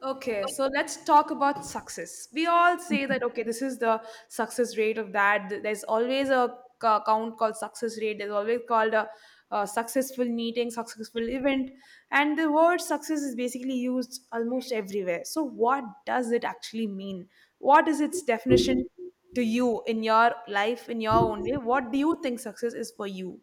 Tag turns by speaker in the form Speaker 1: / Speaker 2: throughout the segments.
Speaker 1: Okay, so let's talk about success. We all say that, okay, this is the success rate of that. There's always a count called success rate. There's always called a successful meeting, successful event. And the word success is basically used almost everywhere. So, what does it actually mean? What is its definition to you in your life, in your own way? What do you think success is for you?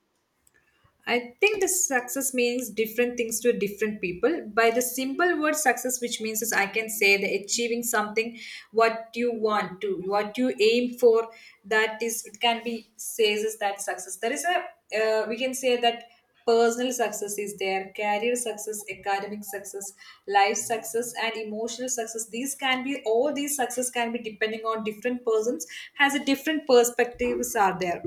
Speaker 2: I think the success means different things to different people. By the simple word success, which means is I can say the achieving something what you want to, what you aim for, that is it can be says is that success. There is a we can say that personal success is there, career success, academic success, life success, and emotional success. These can be all these success can be depending on different persons, has a different perspectives are there.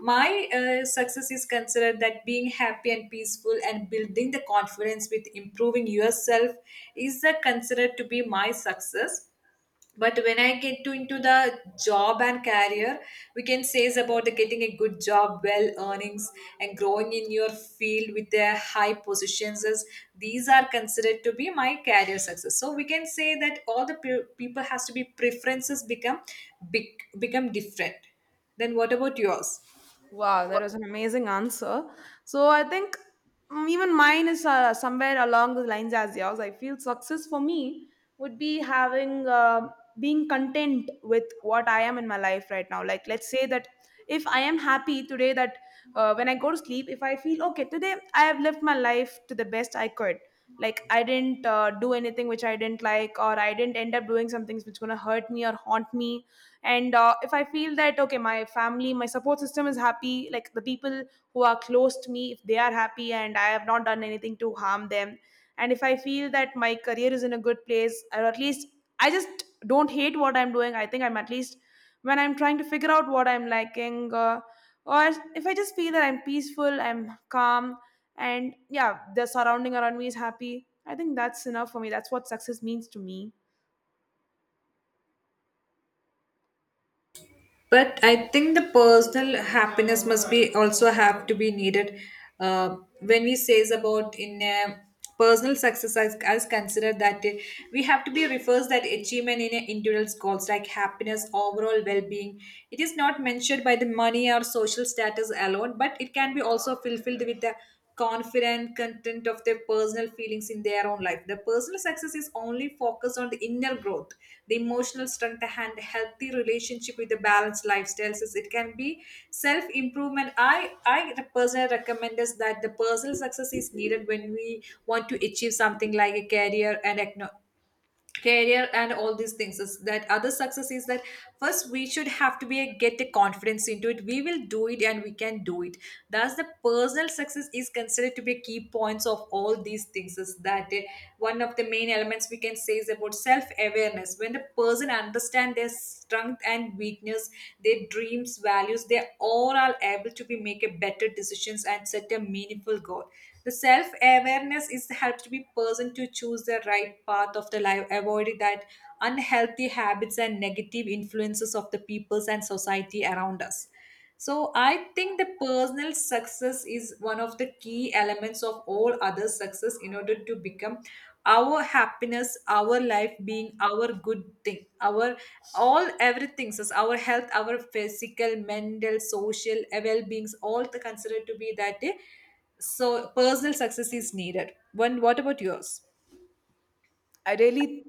Speaker 2: My success is considered that being happy and peaceful and building the confidence with improving yourself is considered to be my success, but when I get to into the job and career we can say is about the getting a good job well earnings and growing in your field with the high positions is these are considered to be my career success. So we can say that all the people has to be preferences become big, become different. Then what about yours?
Speaker 1: Wow, that was an amazing answer. So I think even mine is somewhere along the lines as yours. I feel success for me would be having being content with what I am in my life right now. Like let's say that if I am happy today, that when I go to sleep, if I feel okay today, I have lived my life to the best I could. Like I didn't do anything which I didn't like, or I didn't end up doing some things which gonna hurt me or haunt me. And if I feel that okay, my family, my support system is happy, like the people who are close to me, if they are happy and I have not done anything to harm them, and if I feel that my career is in a good place, or at least I just don't hate what I'm doing, I think I'm at least when I'm trying to figure out what I'm liking, or if I just feel that I'm peaceful, I'm calm, and yeah, the surrounding around me is happy, I think that's enough for me. That's what success means to me.
Speaker 2: But I think the personal happiness must be also have to be needed. uh, when we says about in a personal success as considered that we have to be refers that achievement in a individual goals like happiness overall well-being. It is not measured by the money or social status alone, but it can be also fulfilled with the confident, content of their personal feelings in their own life. The personal success is only focused on the inner growth, the emotional strength, and healthy relationship with the balanced lifestyles. It can be self improvement. I personally recommend us that the personal success is needed when we want to achieve something like a career and career and all these things is that other success is that first we should have to be a, get a confidence into it we will do it and we can do it. Thus the personal success is considered to be key points of all these things is that one of the main elements we can say is about self-awareness when the person understand their strength and weakness their dreams values they all are able to be make a better decisions and set a meaningful goal. The self awareness is helps to be person to choose the right path of the life, avoiding that unhealthy habits and negative influences of the peoples and society around us. So I think the personal success is one of the key elements of all other success in order to become our happiness, our life being our good thing, our all everything, so our health, our physical, mental, social well beings, all the considered to be that so personal success is needed. When what about yours?
Speaker 1: I really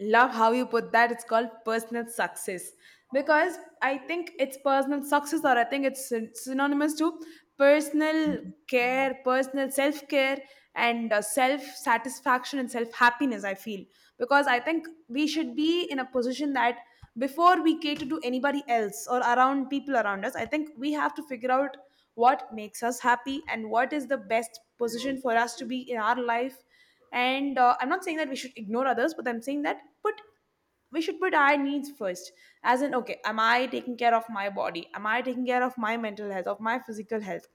Speaker 1: love how you put that. It's called personal success because I think it's personal success, or I think it's synonymous to personal care, personal self care, and self satisfaction and self happiness. I feel because I think we should be in a position that before we cater to anybody else or around people around us, I think we have to figure out what makes us happy and what is the best position for us to be in our life. And I'm not saying that we should ignore others, but I'm saying that put we should put our needs first, as in okay, am I taking care of my body, am I taking care of my mental health, of my physical health,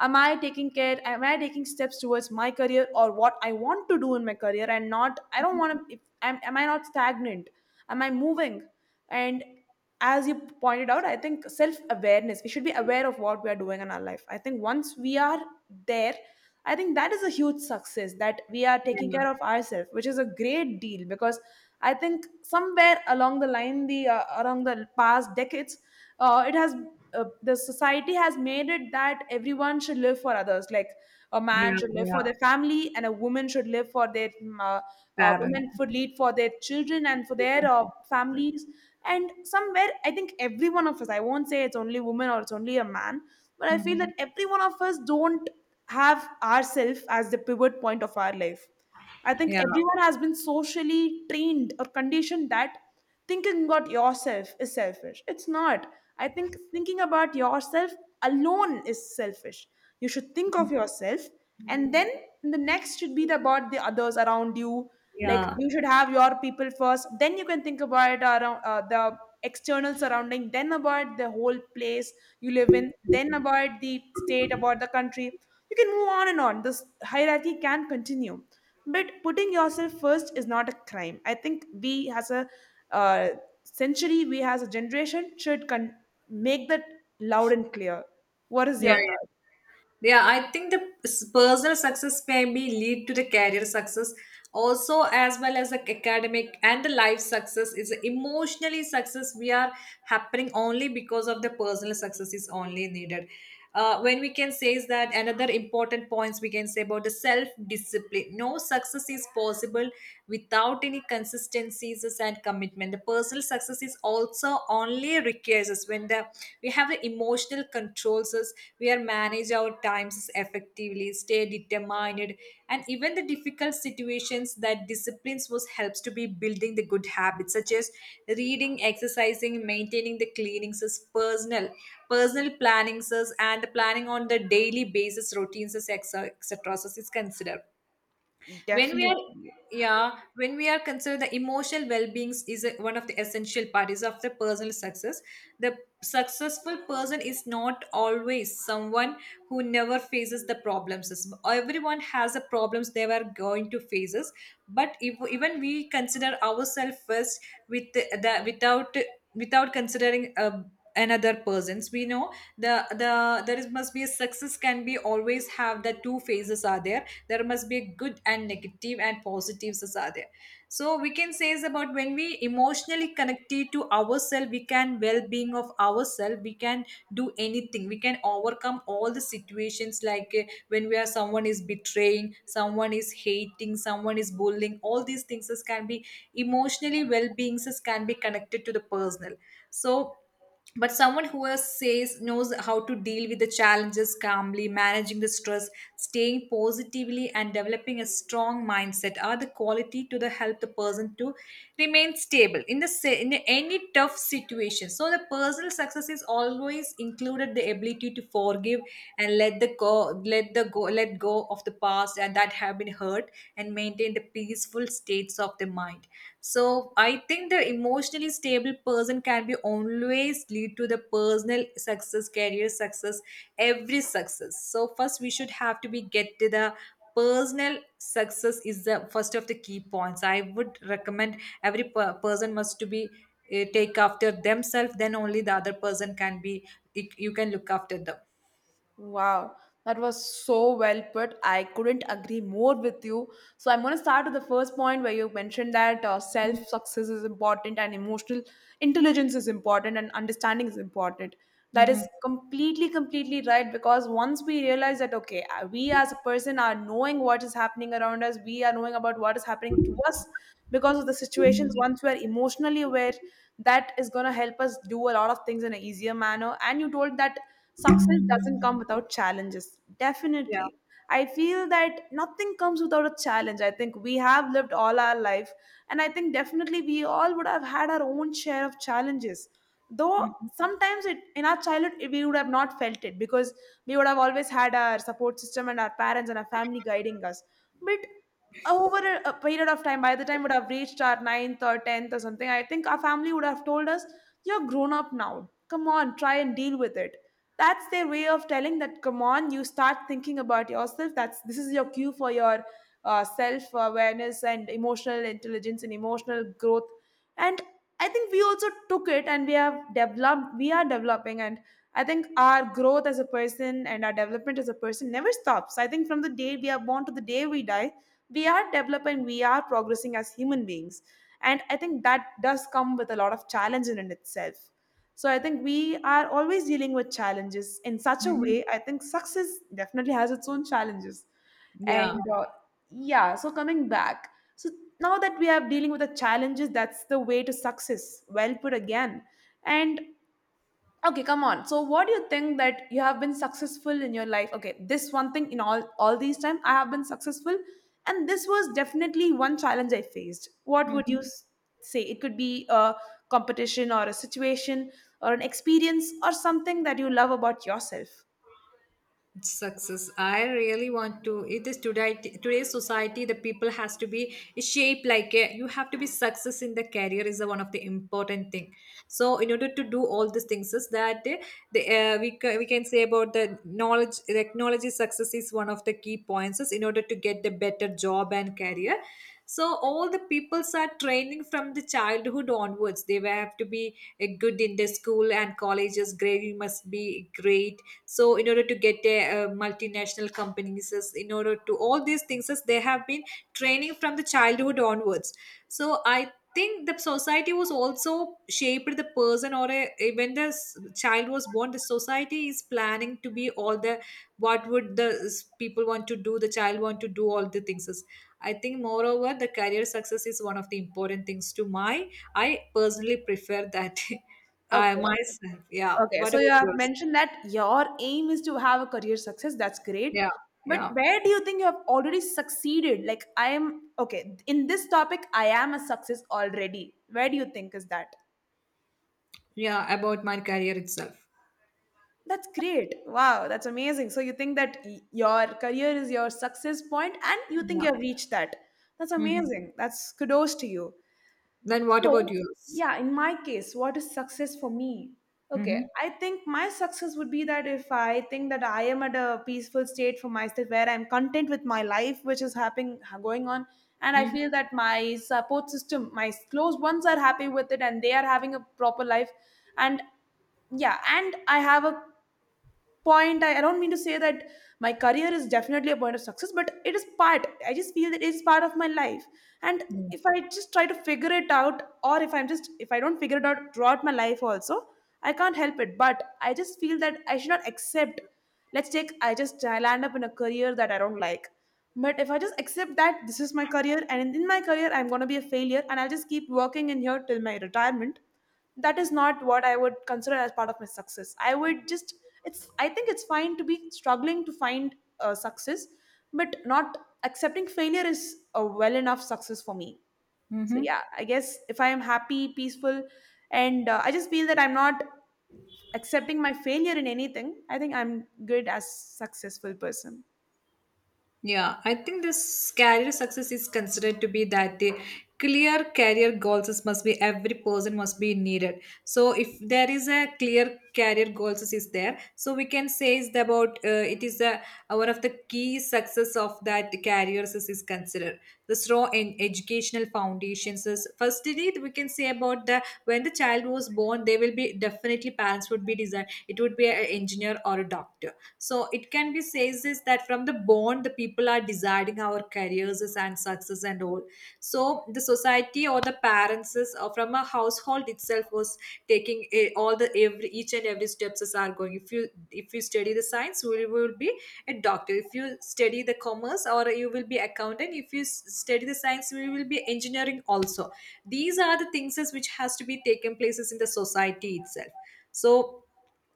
Speaker 1: am I taking care, am I taking steps towards my career or what I want to do in my career, and not I don't want to, if am, am I not stagnant, am I moving, and as you pointed out, I think self awareness, we should be aware of what we are doing in our life. I think once we are there, I think that is a huge success, that we are taking care
Speaker 2: Yeah,
Speaker 1: of ourselves, which is a great deal. Because I think somewhere along the line, the around the past decades, it has, the society has made it that everyone should live for others. Like a man
Speaker 2: yeah,
Speaker 1: should live for
Speaker 2: yeah.
Speaker 1: their family and a woman should live for their
Speaker 2: Parents.
Speaker 1: women should lead for their children and for their families, and somewhere I think every one of us, I won't say it's only women or it's only a man, but I feel that
Speaker 2: Mhm.
Speaker 1: every one of us don't have ourselves as the pivot point of our life. I think
Speaker 2: Yeah,
Speaker 1: everyone has been socially trained or conditioned that thinking about yourself is selfish. It's not. I think thinking about yourself alone is selfish. You should think of yourself, and then the next should be about the others around you. Like
Speaker 2: yeah,
Speaker 1: you should have your people first, then you can think about around the external surrounding, then about the whole place you live in, then about the state, about the country. You can move on and on. This hierarchy can continue, but putting yourself first is not a crime. I think we as a uh, century, we as a generation should make that loud and clear. What is
Speaker 2: yeah,
Speaker 1: your
Speaker 2: yeah.
Speaker 1: thought?
Speaker 2: Yeah, I think the personal success maybe lead to the career success also, as well as the academic and the life success is emotionally success we are happening only because of the personal success is only needed. When we can say is that another important points we can say about the self discipline no success is possible without any consistencies and commitment. The personal success process is also only requires us when the we have the emotional controls us we are manage our times effectively stay determined and even the difficult situations that disciplines was helps to be building the good habits such as reading exercising maintaining the cleanings as personal plannings as and the planning on the daily basis routines as etc etc is considered. When we are
Speaker 1: Definitely.
Speaker 2: Yeah, when we are considered the emotional well-being is a, one of the essential parties of the personal success. The successful person is not always someone who never faces the problems. Everyone has the problems they were going to faces, but if, even we consider ourselves first with the without considering another persons we know there is must be a success can be always have the two phases are there, there must be a good and negative and positives is are there. So we can say is about when we emotionally connected to ourselves we can well-being of ourselves we can do anything we can overcome all the situations like when we are someone is betraying someone is hating someone is bullying all these things is can be emotionally well-being things is, can be connected to the personal. So but someone who is, says knows how to deal with the challenges calmly managing the stress staying positively and developing a strong mindset are the quality to the help the person to remain stable in the in any tough situation. So the personal success is always included the ability to forgive and let go of the past and that have been hurt and maintain the peaceful states of the mind. So I think the emotionally stable person can be always lead to the personal success, career success, every success. So first we should have to be get to the personal success is the first of the key points. I would recommend every person must to be take after themselves. Then only the other person can be you can look after them.
Speaker 1: Wow, that was so well put. I couldn't agree more with you. So I'm going to start with the first point where you mentioned that self success is important and emotional intelligence is important and understanding is important. That is
Speaker 2: Mm-hmm.
Speaker 1: completely, completely right, because once we realize that, okay, we as a person are knowing what is happening around us, we are knowing about what is happening to us because of the situations, once we are emotionally aware, that is going to help us do a lot of things in an easier manner. And you told that success doesn't come without challenges,
Speaker 2: Yeah.
Speaker 1: definitely. I feel that nothing comes without a challenge. I think we have lived all our life, and I think definitely we all would have had our own share of challenges. Though
Speaker 2: Mm-hmm.
Speaker 1: sometimes it, in our childhood we would have not felt it because we would have always had our support system and our parents and our family guiding us. But over a period of time, by the time we would have reached our ninth or tenth or something, I think our family would have told us, "You're grown up now. Come on, try and deal with it." That's their way of telling that, come on, you start thinking about yourself. That's, this is your cue for your self awareness and emotional intelligence and emotional growth, and I think we also took it and we have developed, we are developing. And I think our growth as a person and our development as a person never stops. I think from the day we are born to the day we die, we are developing, we are progressing as human beings, and I think that does come with a lot of challenge in it itself. So I think we are always dealing with challenges in such a way. I think success definitely has its own challenges. And
Speaker 2: Yeah.
Speaker 1: yeah, so coming back, so now that we are dealing with the challenges, that's the way to success. Well put again. And okay, come on, so what do you think that you have been successful in your life, okay, this one thing in all these time I have been successful, and this was definitely one challenge I faced. What would you
Speaker 2: hmm
Speaker 1: say, it could be a competition or a situation or an experience or something that you love about yourself.
Speaker 2: Success I really want to it is today's society the people has to be shaped like a, you have to be success in the career is the one of the important thing. So in order to do all these things is that the, we, we can say about the knowledge technology success is one of the key points is in order to get the better job and career. So all the peoples are training from the childhood onwards they will have to be good in the school and colleges grading must be great. So in order to get a, multinational companies in order to all these things is they have been training from the childhood onwards. So I think the society was also shaped the person or a, when the child was born the society is planning to be all the what would the people want to do the child want to do all the things I think moreover the career success is one of the important things to my I personally prefer that. I
Speaker 1: Okay.
Speaker 2: myself. Yeah,
Speaker 1: Okay,
Speaker 2: what
Speaker 1: so you
Speaker 2: about
Speaker 1: have
Speaker 2: yours?
Speaker 1: mentioned that your aim is to have a career success. That's great.
Speaker 2: Yeah,
Speaker 1: But
Speaker 2: yeah.
Speaker 1: where do you think you have already succeeded? Like, I am, okay, in this topic, I am a success already. Where do you think is that?
Speaker 2: Yeah, about my career itself.
Speaker 1: That's great. Wow, that's amazing. So you think that your career is your success point and you think
Speaker 2: Yeah.
Speaker 1: you have reached that. That's
Speaker 2: hmm
Speaker 1: amazing. That's kudos to you.
Speaker 2: Then what about
Speaker 1: So,
Speaker 2: yours?
Speaker 1: yeah, in my case, what is success for me? Okay,
Speaker 2: Mm-hmm.
Speaker 1: I think my success would be that if I think that I am at a peaceful state for myself where I'm content with my life, which is happening going on, and I feel
Speaker 2: Mm-hmm.
Speaker 1: that my support system, my close ones are happy with it and they are having a proper life, and yeah, and I have a point, I don't mean to say that my career is definitely a point of success, but it is part, I just feel that it is part of my life. And
Speaker 2: Yeah.
Speaker 1: if I just try to figure it out, or if I'm just, if I don't figure it out throughout my life also, I can't help it, but I just feel that I should not accept, let's take, I just, I land up in a career that I don't like, but if I just accept that this is my career and in my career I'm going to be a failure and I'll just keep working in here till my retirement, that is not what I would consider as part of my success. I would just, it's, I think it's fine to be struggling to find success, but not accepting failure is a well enough success for me. So yeah,
Speaker 2: Mm-hmm.
Speaker 1: I guess if I am happy, peaceful, and I just feel that I'm not accepting my failure in anything, I think I'm good as successful person.
Speaker 2: Yeah, I think this career success is considered to be that the clear career goals is must be every person must be needed. So if there is a clear career goals is there, so we can say is about it is a one of the key success of that careers is considered. The strong in educational foundations is firstly we can say about the when the child was born, they will be definitely parents would be designed. It would be an engineer or a doctor, so it can be says is that from the bond the people are deciding our careers is and success and all. So the society or the parents is, or from a household itself was taking a, all the every each and every steps is are going if you study the science you will be a doctor if you study the commerce or you will be accountant if you study the science you will be engineering also. These are the things is which has to be taken places in the society itself. So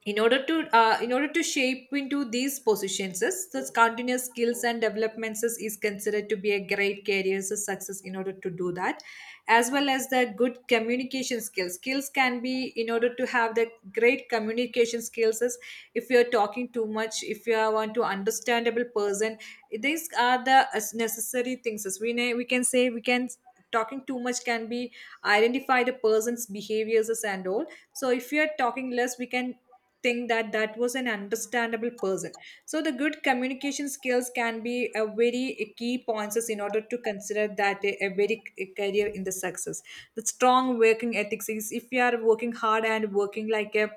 Speaker 2: in order to shape into these positions continuous skills and developments is considered to be a great career success in order to do that. As well as the good communication skills can be in order to have the great communication skills is if you are talking too much if you are want to understandable person. These are the as necessary things as we we can say we can talking too much can be identify the person's behaviors and all. So if you are talking less we can think that that was an understandable person. So the good communication skills can be a very key points in order to consider that a very career in the success. The strong working ethics is if you are working hard and working like a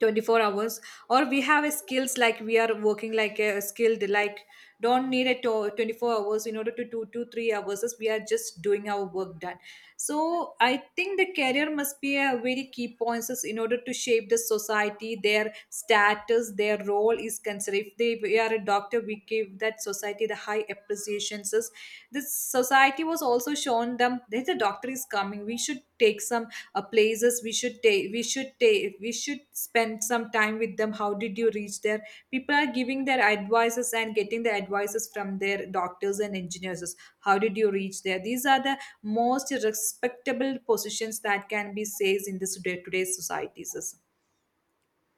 Speaker 2: 24 hours or we have a skills like we are working like a skilled like don't need a 24 hours in order to do 2-3 hours as we are just doing our work done. So I think the career must be a very key points as in order to shape the society their status their role is considered if they we are a doctor we give that society the high appreciations is this society was also shown them. There's a doctor is coming, we should take some places, we should take we should spend some time with them. How did you reach there? People are giving their advices and getting the advices from their doctors and engineers. How did you reach there? These are the most respectable positions that can be says in this day today's societies.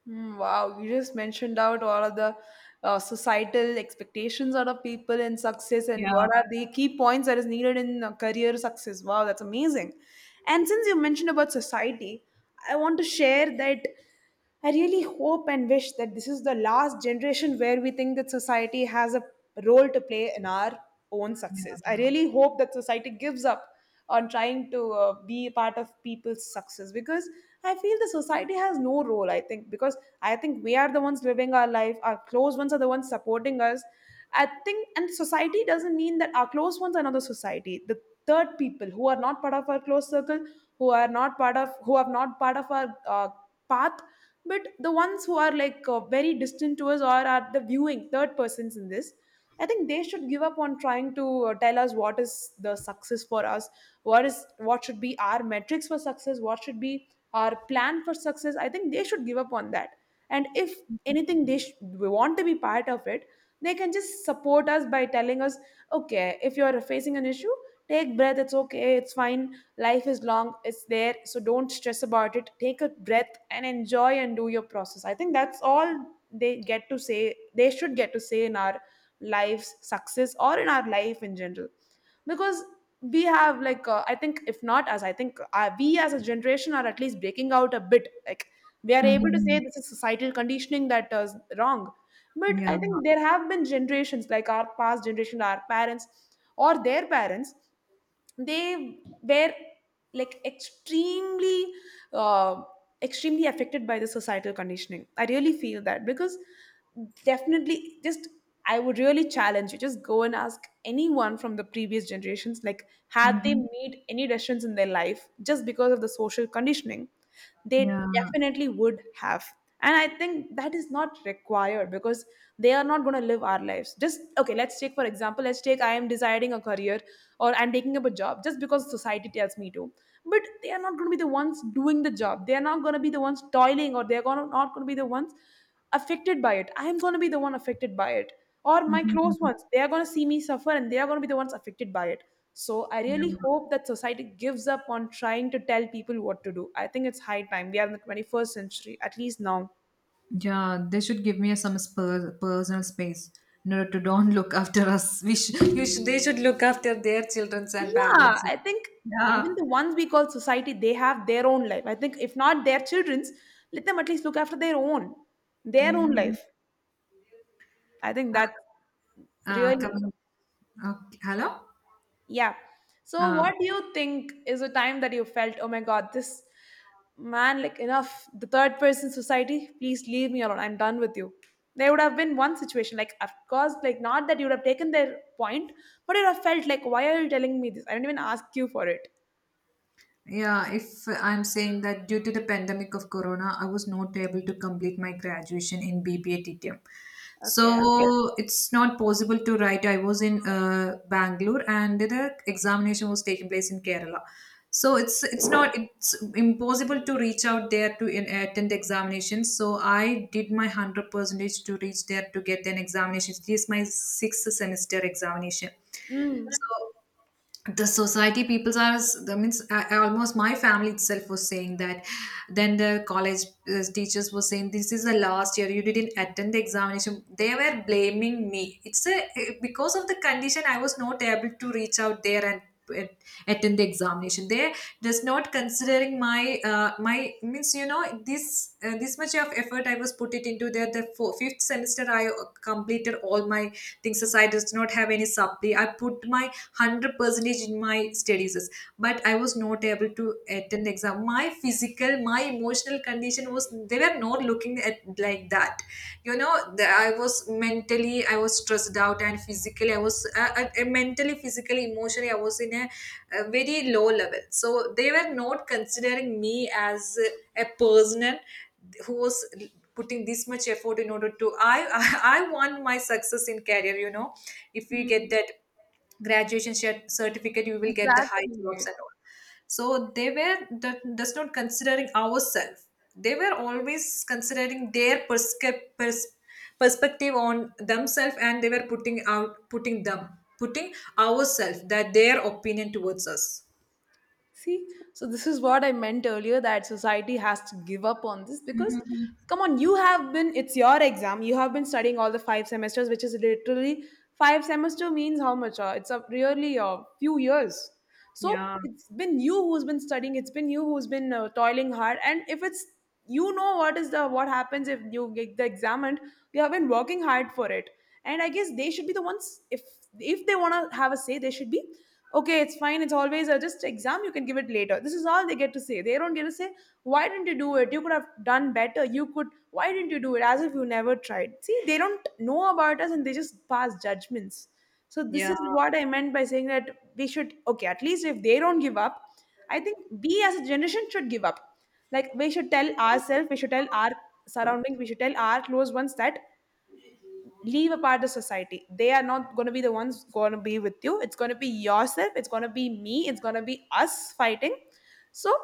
Speaker 1: Mm, wow, you just mentioned out all of the societal expectations out of people in success and
Speaker 2: Yeah.
Speaker 1: what are the key points that is needed in career success. Wow, that's amazing. And since you mentioned about society, I want to share that I really hope and wish that this is the last generation where we think that society has a role to play in our own success. I
Speaker 2: Yeah.
Speaker 1: really hope that society gives up on trying to be a part of people's success because I feel the society has no role, I think, because I think we are the ones living our life. Our close ones are the ones supporting us, I think. And society doesn't mean that our close ones are not the society. The third people who are not part of our close circle, who are not part of who are not part of our path, but the ones who are like very distant to us or are the viewing third persons in this, I think they should give up on trying to tell us what is the success for us. What should be our metrics for success, what should be our plan for success? I think they should give up on that. And if anything we want to be part of it, they can just support us by telling us, okay, if you are facing an issue, take breath, it's okay, it's fine, life is long, it's there, so don't stress about it, take a breath and enjoy and do your process. I think that's all they should get to say in our lives' success or in our life in general. Because we have, like, I think, we as a generation are at least breaking out a bit, like, we are able to say
Speaker 2: Mhm.
Speaker 1: this is societal conditioning that is wrong. But I
Speaker 2: Yeah.
Speaker 1: think there have been generations like our past generation, our parents or their parents, they were like extremely uh, affected by the societal conditioning. I really feel that because, definitely, just, I would really challenge you, just go and ask anyone from the previous generations, like, had they made any decisions in their life just because of the social conditioning. They definitely would have. And I think that is not required because they are not going to live our lives. Just okay, let's take for example, let's take, I am deciding a career or I'm taking up a job just because society tells me to. But they are not going to be the ones doing the job, they are not going to be the ones toiling, or not going to be the ones affected by it. I am going to be the one affected by it, or my close
Speaker 2: Mhm.
Speaker 1: ones, they are going to see me suffer and they are going to be the ones affected by it. So I really
Speaker 2: Yeah.
Speaker 1: hope that society gives up on trying to tell people what to do. I think it's high time, we are in the 21st century at least now.
Speaker 2: Yeah, they should give me some personal space. No, to don't look after us. You should, they should look after their children and
Speaker 1: Yeah,
Speaker 2: parents.
Speaker 1: I think
Speaker 2: Yeah.
Speaker 1: even the ones we call society, they have their own life. I think if not their children's, let them at least look after their own
Speaker 2: Mm-hmm.
Speaker 1: life. I think that's really,
Speaker 2: Coming. Okay. Hello.
Speaker 1: yeah. So,
Speaker 2: Uh,
Speaker 1: what do you think is a time that you felt, oh my God, this man, like enough, the third person society, please leave me alone. I'm done with you. There would have been one situation, like, of course, like, not that you would have taken their point, but you'd have felt like, why are you telling me this? I didn't even ask you for it.
Speaker 2: Yeah, if I'm saying that due to the pandemic of corona, I was not able to complete my graduation in BBA TTM. Okay.
Speaker 1: Okay.
Speaker 2: So it's not possible to write. I was in Bangalore and the examination was taking place in Kerala. So it's not it's impossible to reach out there to attend examinations. So I did my 100 percentage to reach there to get an examination. It is my sixth semester examination.
Speaker 1: Mm.
Speaker 2: So the society peoples are, that means almost my family itself was saying that. Then the college teachers were saying this is the last year you didn't attend the examination. They were blaming me. It's a because of the condition I was not able to reach out there and at- attend the examination. They just not considering my means, this this much of effort I was put it into there. The fifth semester I completed all my things as I does not have any supply. I put my 100 percentage in my studies, but I was not able to attend the exam. My physical, my emotional condition was they were not looking at like that, you know. I was mentally I was stressed out and physically I was mentally physically emotionally I was in a very low level. So they were not considering me as a person who was putting this much effort in order to I I want my success in career, if we get that graduation certificate you will get the high jobs
Speaker 1: Exactly.
Speaker 2: and all. So they were that's not considering ourselves. They were always considering their perspective on themselves, and they were putting out putting them putting ourselves that their opinion towards us.
Speaker 1: See, so this is what I meant earlier, that society has to give up on this, because,
Speaker 2: Mhm.
Speaker 1: come on, you have been, it's your exam, you have been studying all the 5 semesters, which is literally, five semester means how much? It's a, really a few years. So
Speaker 2: Yeah,
Speaker 1: it's been you who's been studying, it's been you who's been toiling hard. And if it's, you know what is the what happens if you get the examined? You have been working hard for it. And I guess they should be the ones, if they want to have a say, they should be, okay, it's fine, it's always a just exam, you can give it later, this is all they get to say. They don't get to say, why didn't you do it, you could have done better, you could why didn't you do it, as if you never tried. See, they don't know about us and they just pass judgments. So this
Speaker 2: yeah,
Speaker 1: is what I meant by saying that we should, okay, at least if they don't give up, I think we as a generation should give up. Like, we should tell ourselves, we should tell our surroundings, we should tell our close ones that, leave apart the society, they are not going to be the ones going to be with you, it's going to be yourself, it's going to be me, it's going to be us fighting. So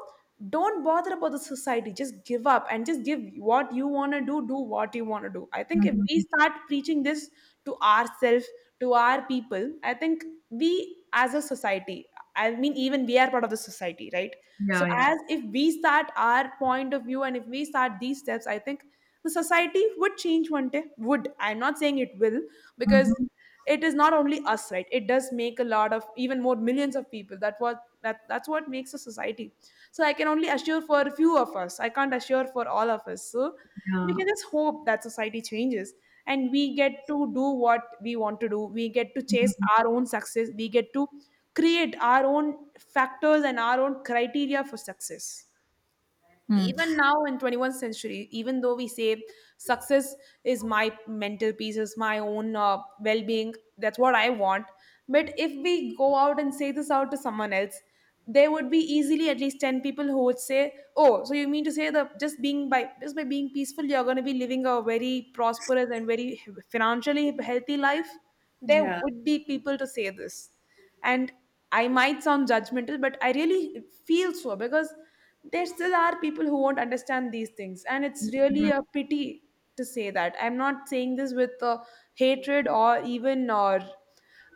Speaker 1: don't bother about the society, just give up and just give what you want to do, do what you want to do. I think if we start preaching this to ourselves, to our people, I think we as a society, I mean, even we are part of the society, right? So as if we start our point of view, and if we start these steps, I think the society would change one day. Would, I'm not saying it will, because it is not only us, right? It does make a lot of, even more millions of people, that that's what makes a society. So I can only assure for a few of us, I can't assure for all of us. So we can just hope that society changes and we get to do what we want to do, we get to chase our own success, we get to create our own factors and our own criteria for success. Even now in 21st century, even though we say success is my mental peace, is my own well-being, that's what I want. But if we go out and say this out to someone else, there would be easily at least 10 people who would say, oh, so you mean to say that just by being peaceful you're going to be living a very prosperous and very financially healthy life. There
Speaker 2: yeah.
Speaker 1: would be people to say this. And I might sound judgmental, but I really feel so, because there still are people who won't understand these things. And it's really a pity to say that. I'm not saying this with hatred or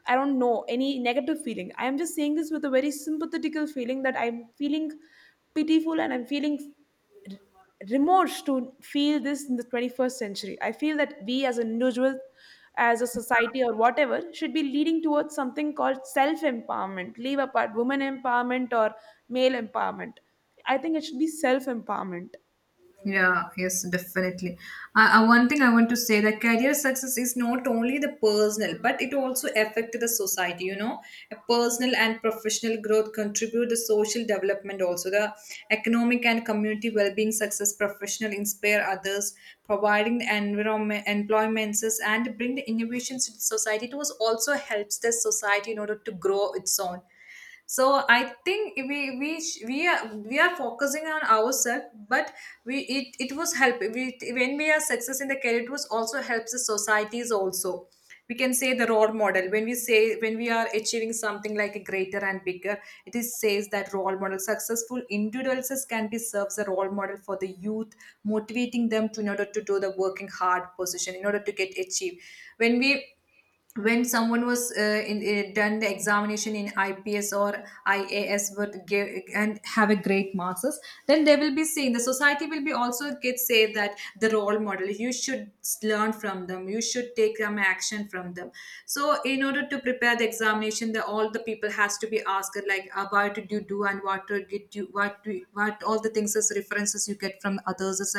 Speaker 1: I don't know, any negative feeling. I am just saying this with a very sympathetical feeling, that I'm feeling pitiful and I'm feeling r- remorse to feel this in the 21st century. I feel that we as an individual, as a society or whatever, should be leading towards something called self empowerment. Leave apart women empowerment or male empowerment. I think it should be self empowerment.
Speaker 2: Yeah, yes, definitely. One thing I want to say that career success is not only the personal, but it also affects the society. You know, a personal and professional growth contribute the social development, also the economic and community well-being. Success professional inspire others, providing the environment, employments, and bring the innovations to the society. It was also helps the society in order to grow its own. So I think we are focusing on ourselves, but we it, it was help we, when we are success in the career, it was also helps the societies also. We can say the role model when we say when we are achieving something like a greater and bigger. It is says that role model successful individuals can be serves a role model for the youth, motivating them to in order to do the working hard position in order to get achieved. When we when someone was done the examination in IPS or IAS would give and have a great marks, then they will be seen. The society will be also get say that the role model. You should learn from them. You should take some action from them. So in order to prepare the examination, the all the people has to be asked like what did you do and what did you what do you- what all the things as references you get from others. As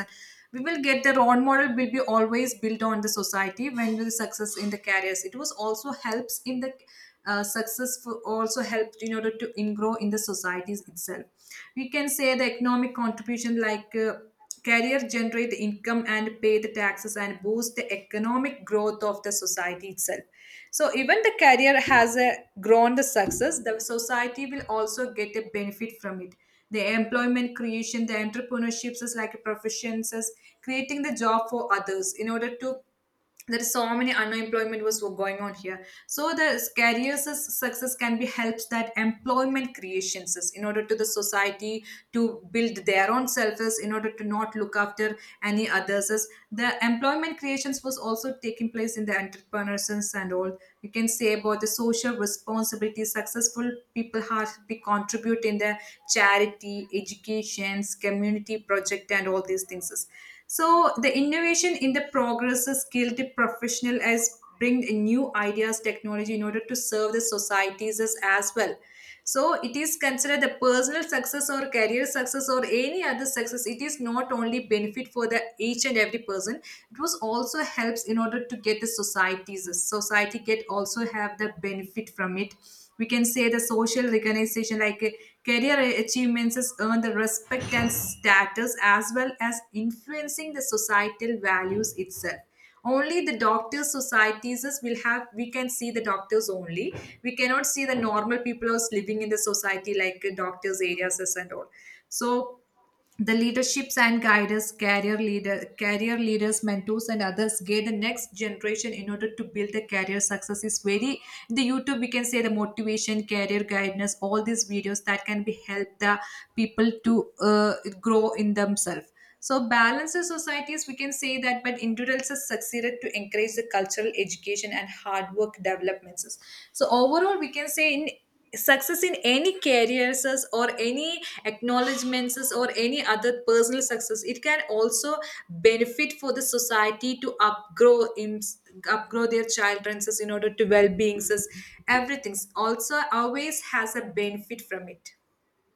Speaker 2: we will get, the role model will be always built on the society when will success in the careers. It was also helps in the success for also helped in order to in grow in the societies itself. We can say the economic contribution like career generate the income and pay the taxes and boost the economic growth of the society itself. So even the career has a grown the success, the society will also get a benefit from it. The employment creation, the entrepreneurships is like professions, is creating the job for others in order to there is so many unemployment was going on here. So the success can be helps that employment creations is in order to the society to build their own selves in order to not look after any others is the employment creations was also taking place in the entrepreneurs and all. You can say about the social responsibility. Successful people have to contribute in the charity, educations, community project, and all these things. So the innovation in the progress, is skilled professional as bring new ideas, technology in order to serve the societies as well. So it is considered the personal success or career success or any other success. It is not only benefit for the each and every person. It was also helps in order to get the societies. Society get also have the benefit from it. We can say the social recognition like career achievements has earned the respect and status as well as influencing the societal values itself. Only the doctors societies is will have we can see the doctors only. We cannot see the normal people who's living in the society like doctors areas is and all. So the leaderships and guiders career leaders mentors and others guide the next generation in order to build the career success is very. The youtube we can say the motivation career guidance all these videos that can be help the people to grow in themselves. So balance in societies we can say that but individuals have succeeded to encourage the cultural education and hard work developments. So overall we can say in success in any careers or any acknowledgments or any other personal success, it can also benefit for the society to upgrow in upgrow their children's in order to well-being. Everything also always has a benefit from it.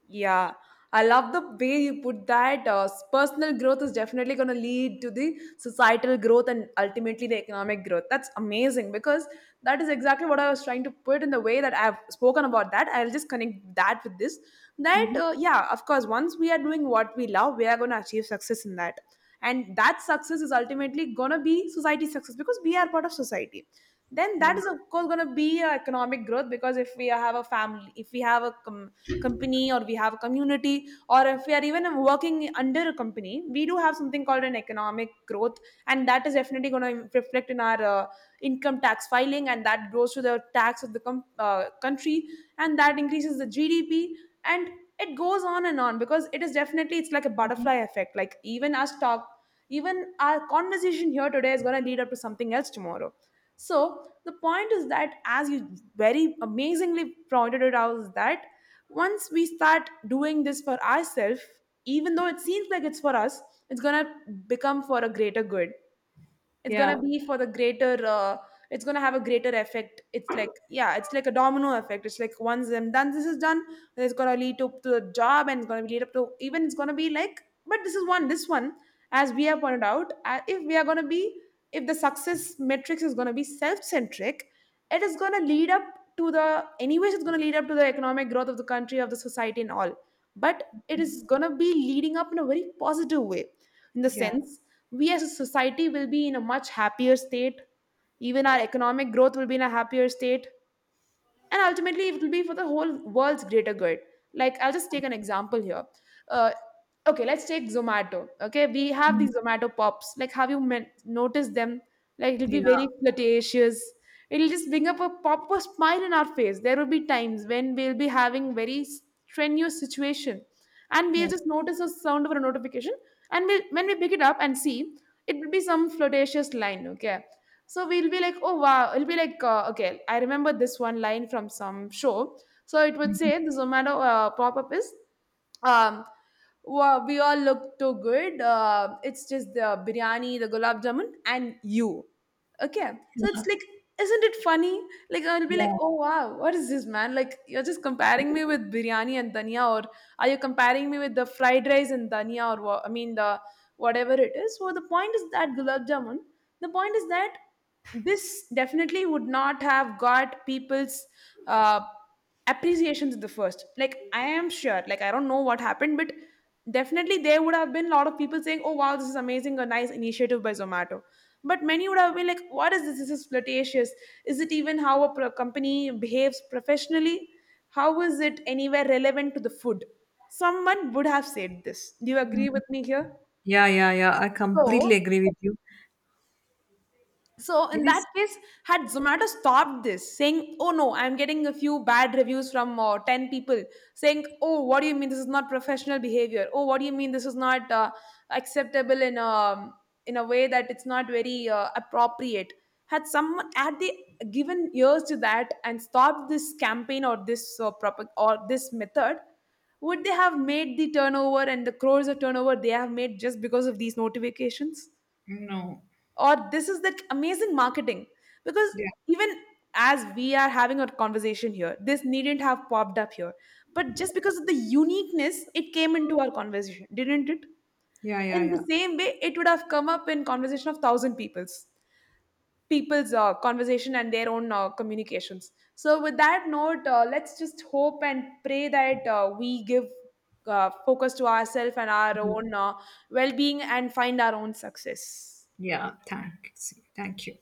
Speaker 1: Yeah, I love the way you put that. Personal growth is definitely going to lead to the societal growth and ultimately the economic growth. That's amazing, because that is exactly what I was trying to put in the way that I've spoken about that. I'll just connect that with this. That,
Speaker 2: Mhm.
Speaker 1: yeah, of course, once we are doing what we love, we are going to achieve success in that. And that success is ultimately going to be society success because we are part of society. Then
Speaker 2: Yeah,
Speaker 1: that is, of course, going to be economic growth, because if we have a family, if we have a company, or we have a community, or if we are even working under a company, we do have something called an economic growth. And that is definitely going to reflect in our income tax filing, and that goes to the tax of the country, and that increases the GDP. And it goes on and on, because it is definitely it's like a butterfly effect, like, even us talk even our conversation here today is going to lead up to something else tomorrow. So the point is that, as you very amazingly pointed it out, is that once we start doing this for ourselves, even though it seems like it's for us, it's going to become for a greater good. it's gonna
Speaker 2: yeah,
Speaker 1: be for the greater uh, it's gonna have a greater effect, it's like, yeah, it's like a domino effect, it's like, once them done, this is done. Then it's gonna lead up to the job, and it's gonna lead up to, even it's gonna be like but this is one, this one as we have pointed out, if we are gonna be, if the success metrics is gonna be self-centric, it is gonna lead up to the, anyways, it's gonna lead up to the economic growth of the country, of the society and all. But it is going to be leading up in a very positive way, in the
Speaker 2: yeah.
Speaker 1: sense we as a society will be in a much happier state, even our economic growth will be in a happier state, and ultimately it will be for the whole world's greater good. Like, I'll just take an example here, uh, okay, let's take Zomato. Okay, we have
Speaker 2: Mm.
Speaker 1: these Zomato pops, like, have you noticed them, like, it'll be
Speaker 2: Yeah,
Speaker 1: very flirtatious, it'll just bring up a pop of smile in our face. There will be times when we'll be having very strenuous situation, and
Speaker 2: yeah.
Speaker 1: we'll just notice a sound of a notification, and when we pick it up and see, it will be some flirtatious line. Okay, so we'll be like, oh wow, it'll be like, okay, I remember this one line from some show, so it would
Speaker 2: Mhm.
Speaker 1: say the Zomato pop-up is, um wow, we all look too good, it's just the biryani, the gulab jamun, and you. Okay. So it's like, isn't it funny? Like, I'll be like,
Speaker 2: Yeah,
Speaker 1: oh wow, what is this, man? Like, you're just comparing me with biryani and dhania, or are you comparing me with the fried rice and dhania, or what? I mean, the whatever it is. So the point is that gulab jamun. The point is that this definitely would not have got people's, Uh, appreciation's the first. Like, I am sure, like, I don't know what happened, but definitely there would have been a lot of people saying, "Oh wow, this is amazing, a nice initiative by Zomato." But many would have been like, "What is this? This is flirtatious. Is it even how a company behaves professionally? How is it anywhere relevant to the food?" Someone would have said this. Do you agree with me here?
Speaker 2: yeah, yeah. Yeah. I
Speaker 1: So,
Speaker 2: completely agree with you.
Speaker 1: so
Speaker 2: It
Speaker 1: in that
Speaker 2: is,
Speaker 1: case, had Zomato stopped this, saying, "Oh no, I'm getting a few bad reviews from ten people," saying, "Oh, what do you mean this is not professional behavior? Oh, what do you mean this is not acceptable in a, in a way that it's not very appropriate?" Had someone, had they given ears to that and stopped this campaign or this or this method, would they have made the turnover and the crores of turnover they have made just because of these notifications?
Speaker 2: no,
Speaker 1: Or this is that amazing marketing? Because
Speaker 2: yeah,
Speaker 1: even as we are having a conversation here, this needn't have popped up here, but just because of the uniqueness it came into our conversation, didn't it?
Speaker 2: yeah,
Speaker 1: In the
Speaker 2: yeah,
Speaker 1: same way it would have come up in conversation of thousand people's conversation and their own communications. So with that note, let's just hope and pray that we give focus to ourselves and our
Speaker 2: yeah.
Speaker 1: own well-being and find our own success.
Speaker 2: Yeah, thanks. Thank you.